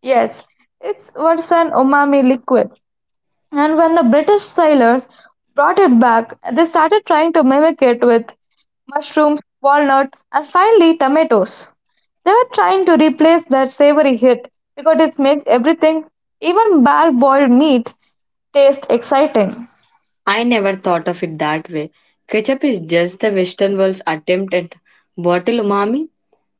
Yes, it's what's an umami liquid. And when the British sailors brought it back, they started trying to mimic it with mushrooms, walnut, and finally tomatoes. They were trying to replace that savory hit because it makes everything, even bare boiled meat, taste exciting.
I never thought of it that way. Ketchup is just the Western world's attempt at bottle umami.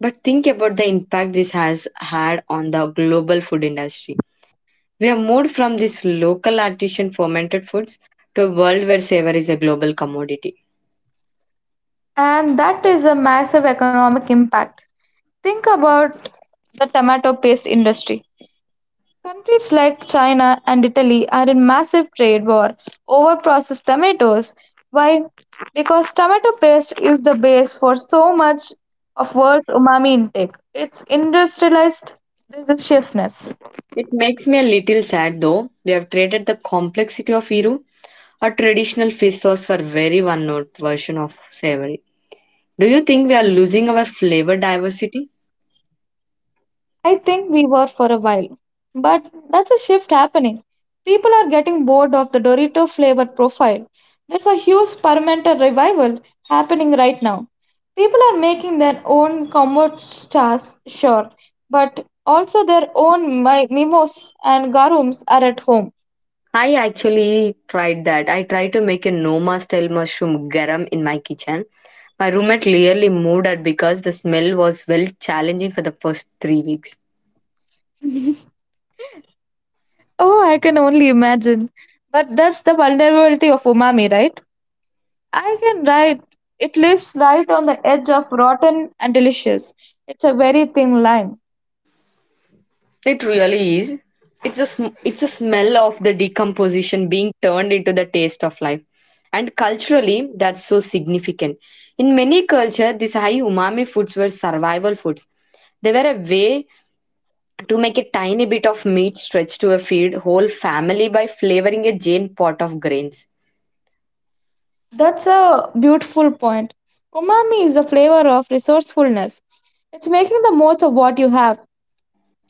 But think about the impact this has had on the global food industry. We have moved from this local artisan fermented foods to a world where savor is a global commodity.
And that is a massive economic impact. Think about the tomato paste industry. Countries like China and Italy are in massive trade war over processed tomatoes. Why? Because tomato paste is the base for so much of world's umami intake. It's industrialized deliciousness.
It makes me a little sad though. We have traded the complexity of Iru, a traditional fish sauce, for very one note version of savory. Do you think we are losing our flavor diversity?
I think we were for a while, but that's a shift happening. People are getting bored of the Dorito flavor profile. There's a huge Parmenter revival happening right now. People are making their own comfort stars, sure, but also their own mimos and garums are at home.
I actually tried that. I tried to make a Noma style mushroom garam in my kitchen. My roommate nearly moved out because the smell was well challenging for the first 3 weeks.
Oh, I can only imagine. But that's the vulnerability of umami, right? I can write. It lives right on the edge of rotten and delicious. It's a very thin line.
It really is. It's a smell of the decomposition being turned into the taste of life. And culturally, that's so significant. In many cultures, these high umami foods were survival foods. They were a way to make a tiny bit of meat stretch to a feed whole family by flavoring a giant pot of grains.
That's a beautiful point. Umami is a flavor of resourcefulness. It's making the most of what you have.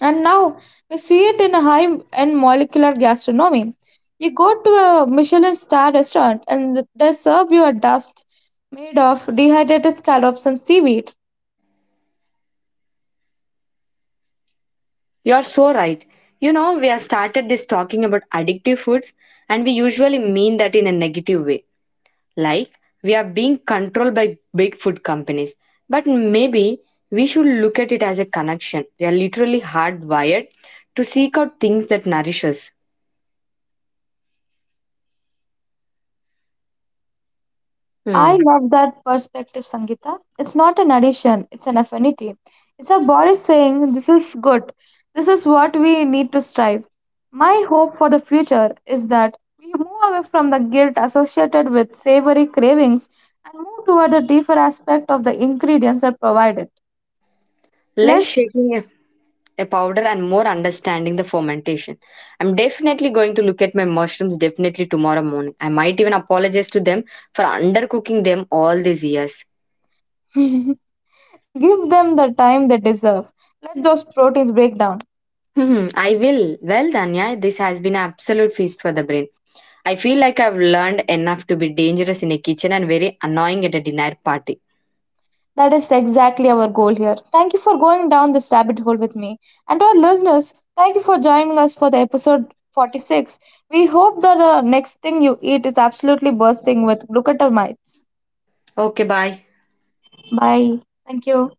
And now we see it in a high end molecular gastronomy. You go to a Michelin star restaurant and they serve you a dust made of dehydrated scallops and seaweed.
You are so right. You know, we have started this talking about addictive foods, and we usually mean that in a negative way like we are being controlled by big food companies. But maybe we should look at it as a connection. We are literally hardwired to seek out things that nourish us.
I
Hmm.
love that perspective, Sangeeta. It's not an addition, it's an affinity. It's our body saying, this is good. This is what we need to strive. My hope for the future is that we move away from the guilt associated with savory cravings and move toward the deeper aspect of the ingredients that provide it.
Less
Let's
shaking a powder and more understanding the fermentation. I'm definitely going to look at my mushrooms definitely tomorrow morning. I might even apologize to them for undercooking them all these years.
give them the time they deserve. Let those proteins break down.
Hmm, I will. Well, Danya, this has been an absolute feast for the brain. I feel like I've learned enough to be dangerous in a kitchen and very annoying at a dinner party.
That is exactly our goal here. Thank you for going down this rabbit hole with me. And to our listeners, thank you for joining us for the episode 46. We hope that the next thing you eat is absolutely bursting with glucotamines.
Okay, bye.
Bye. Thank you.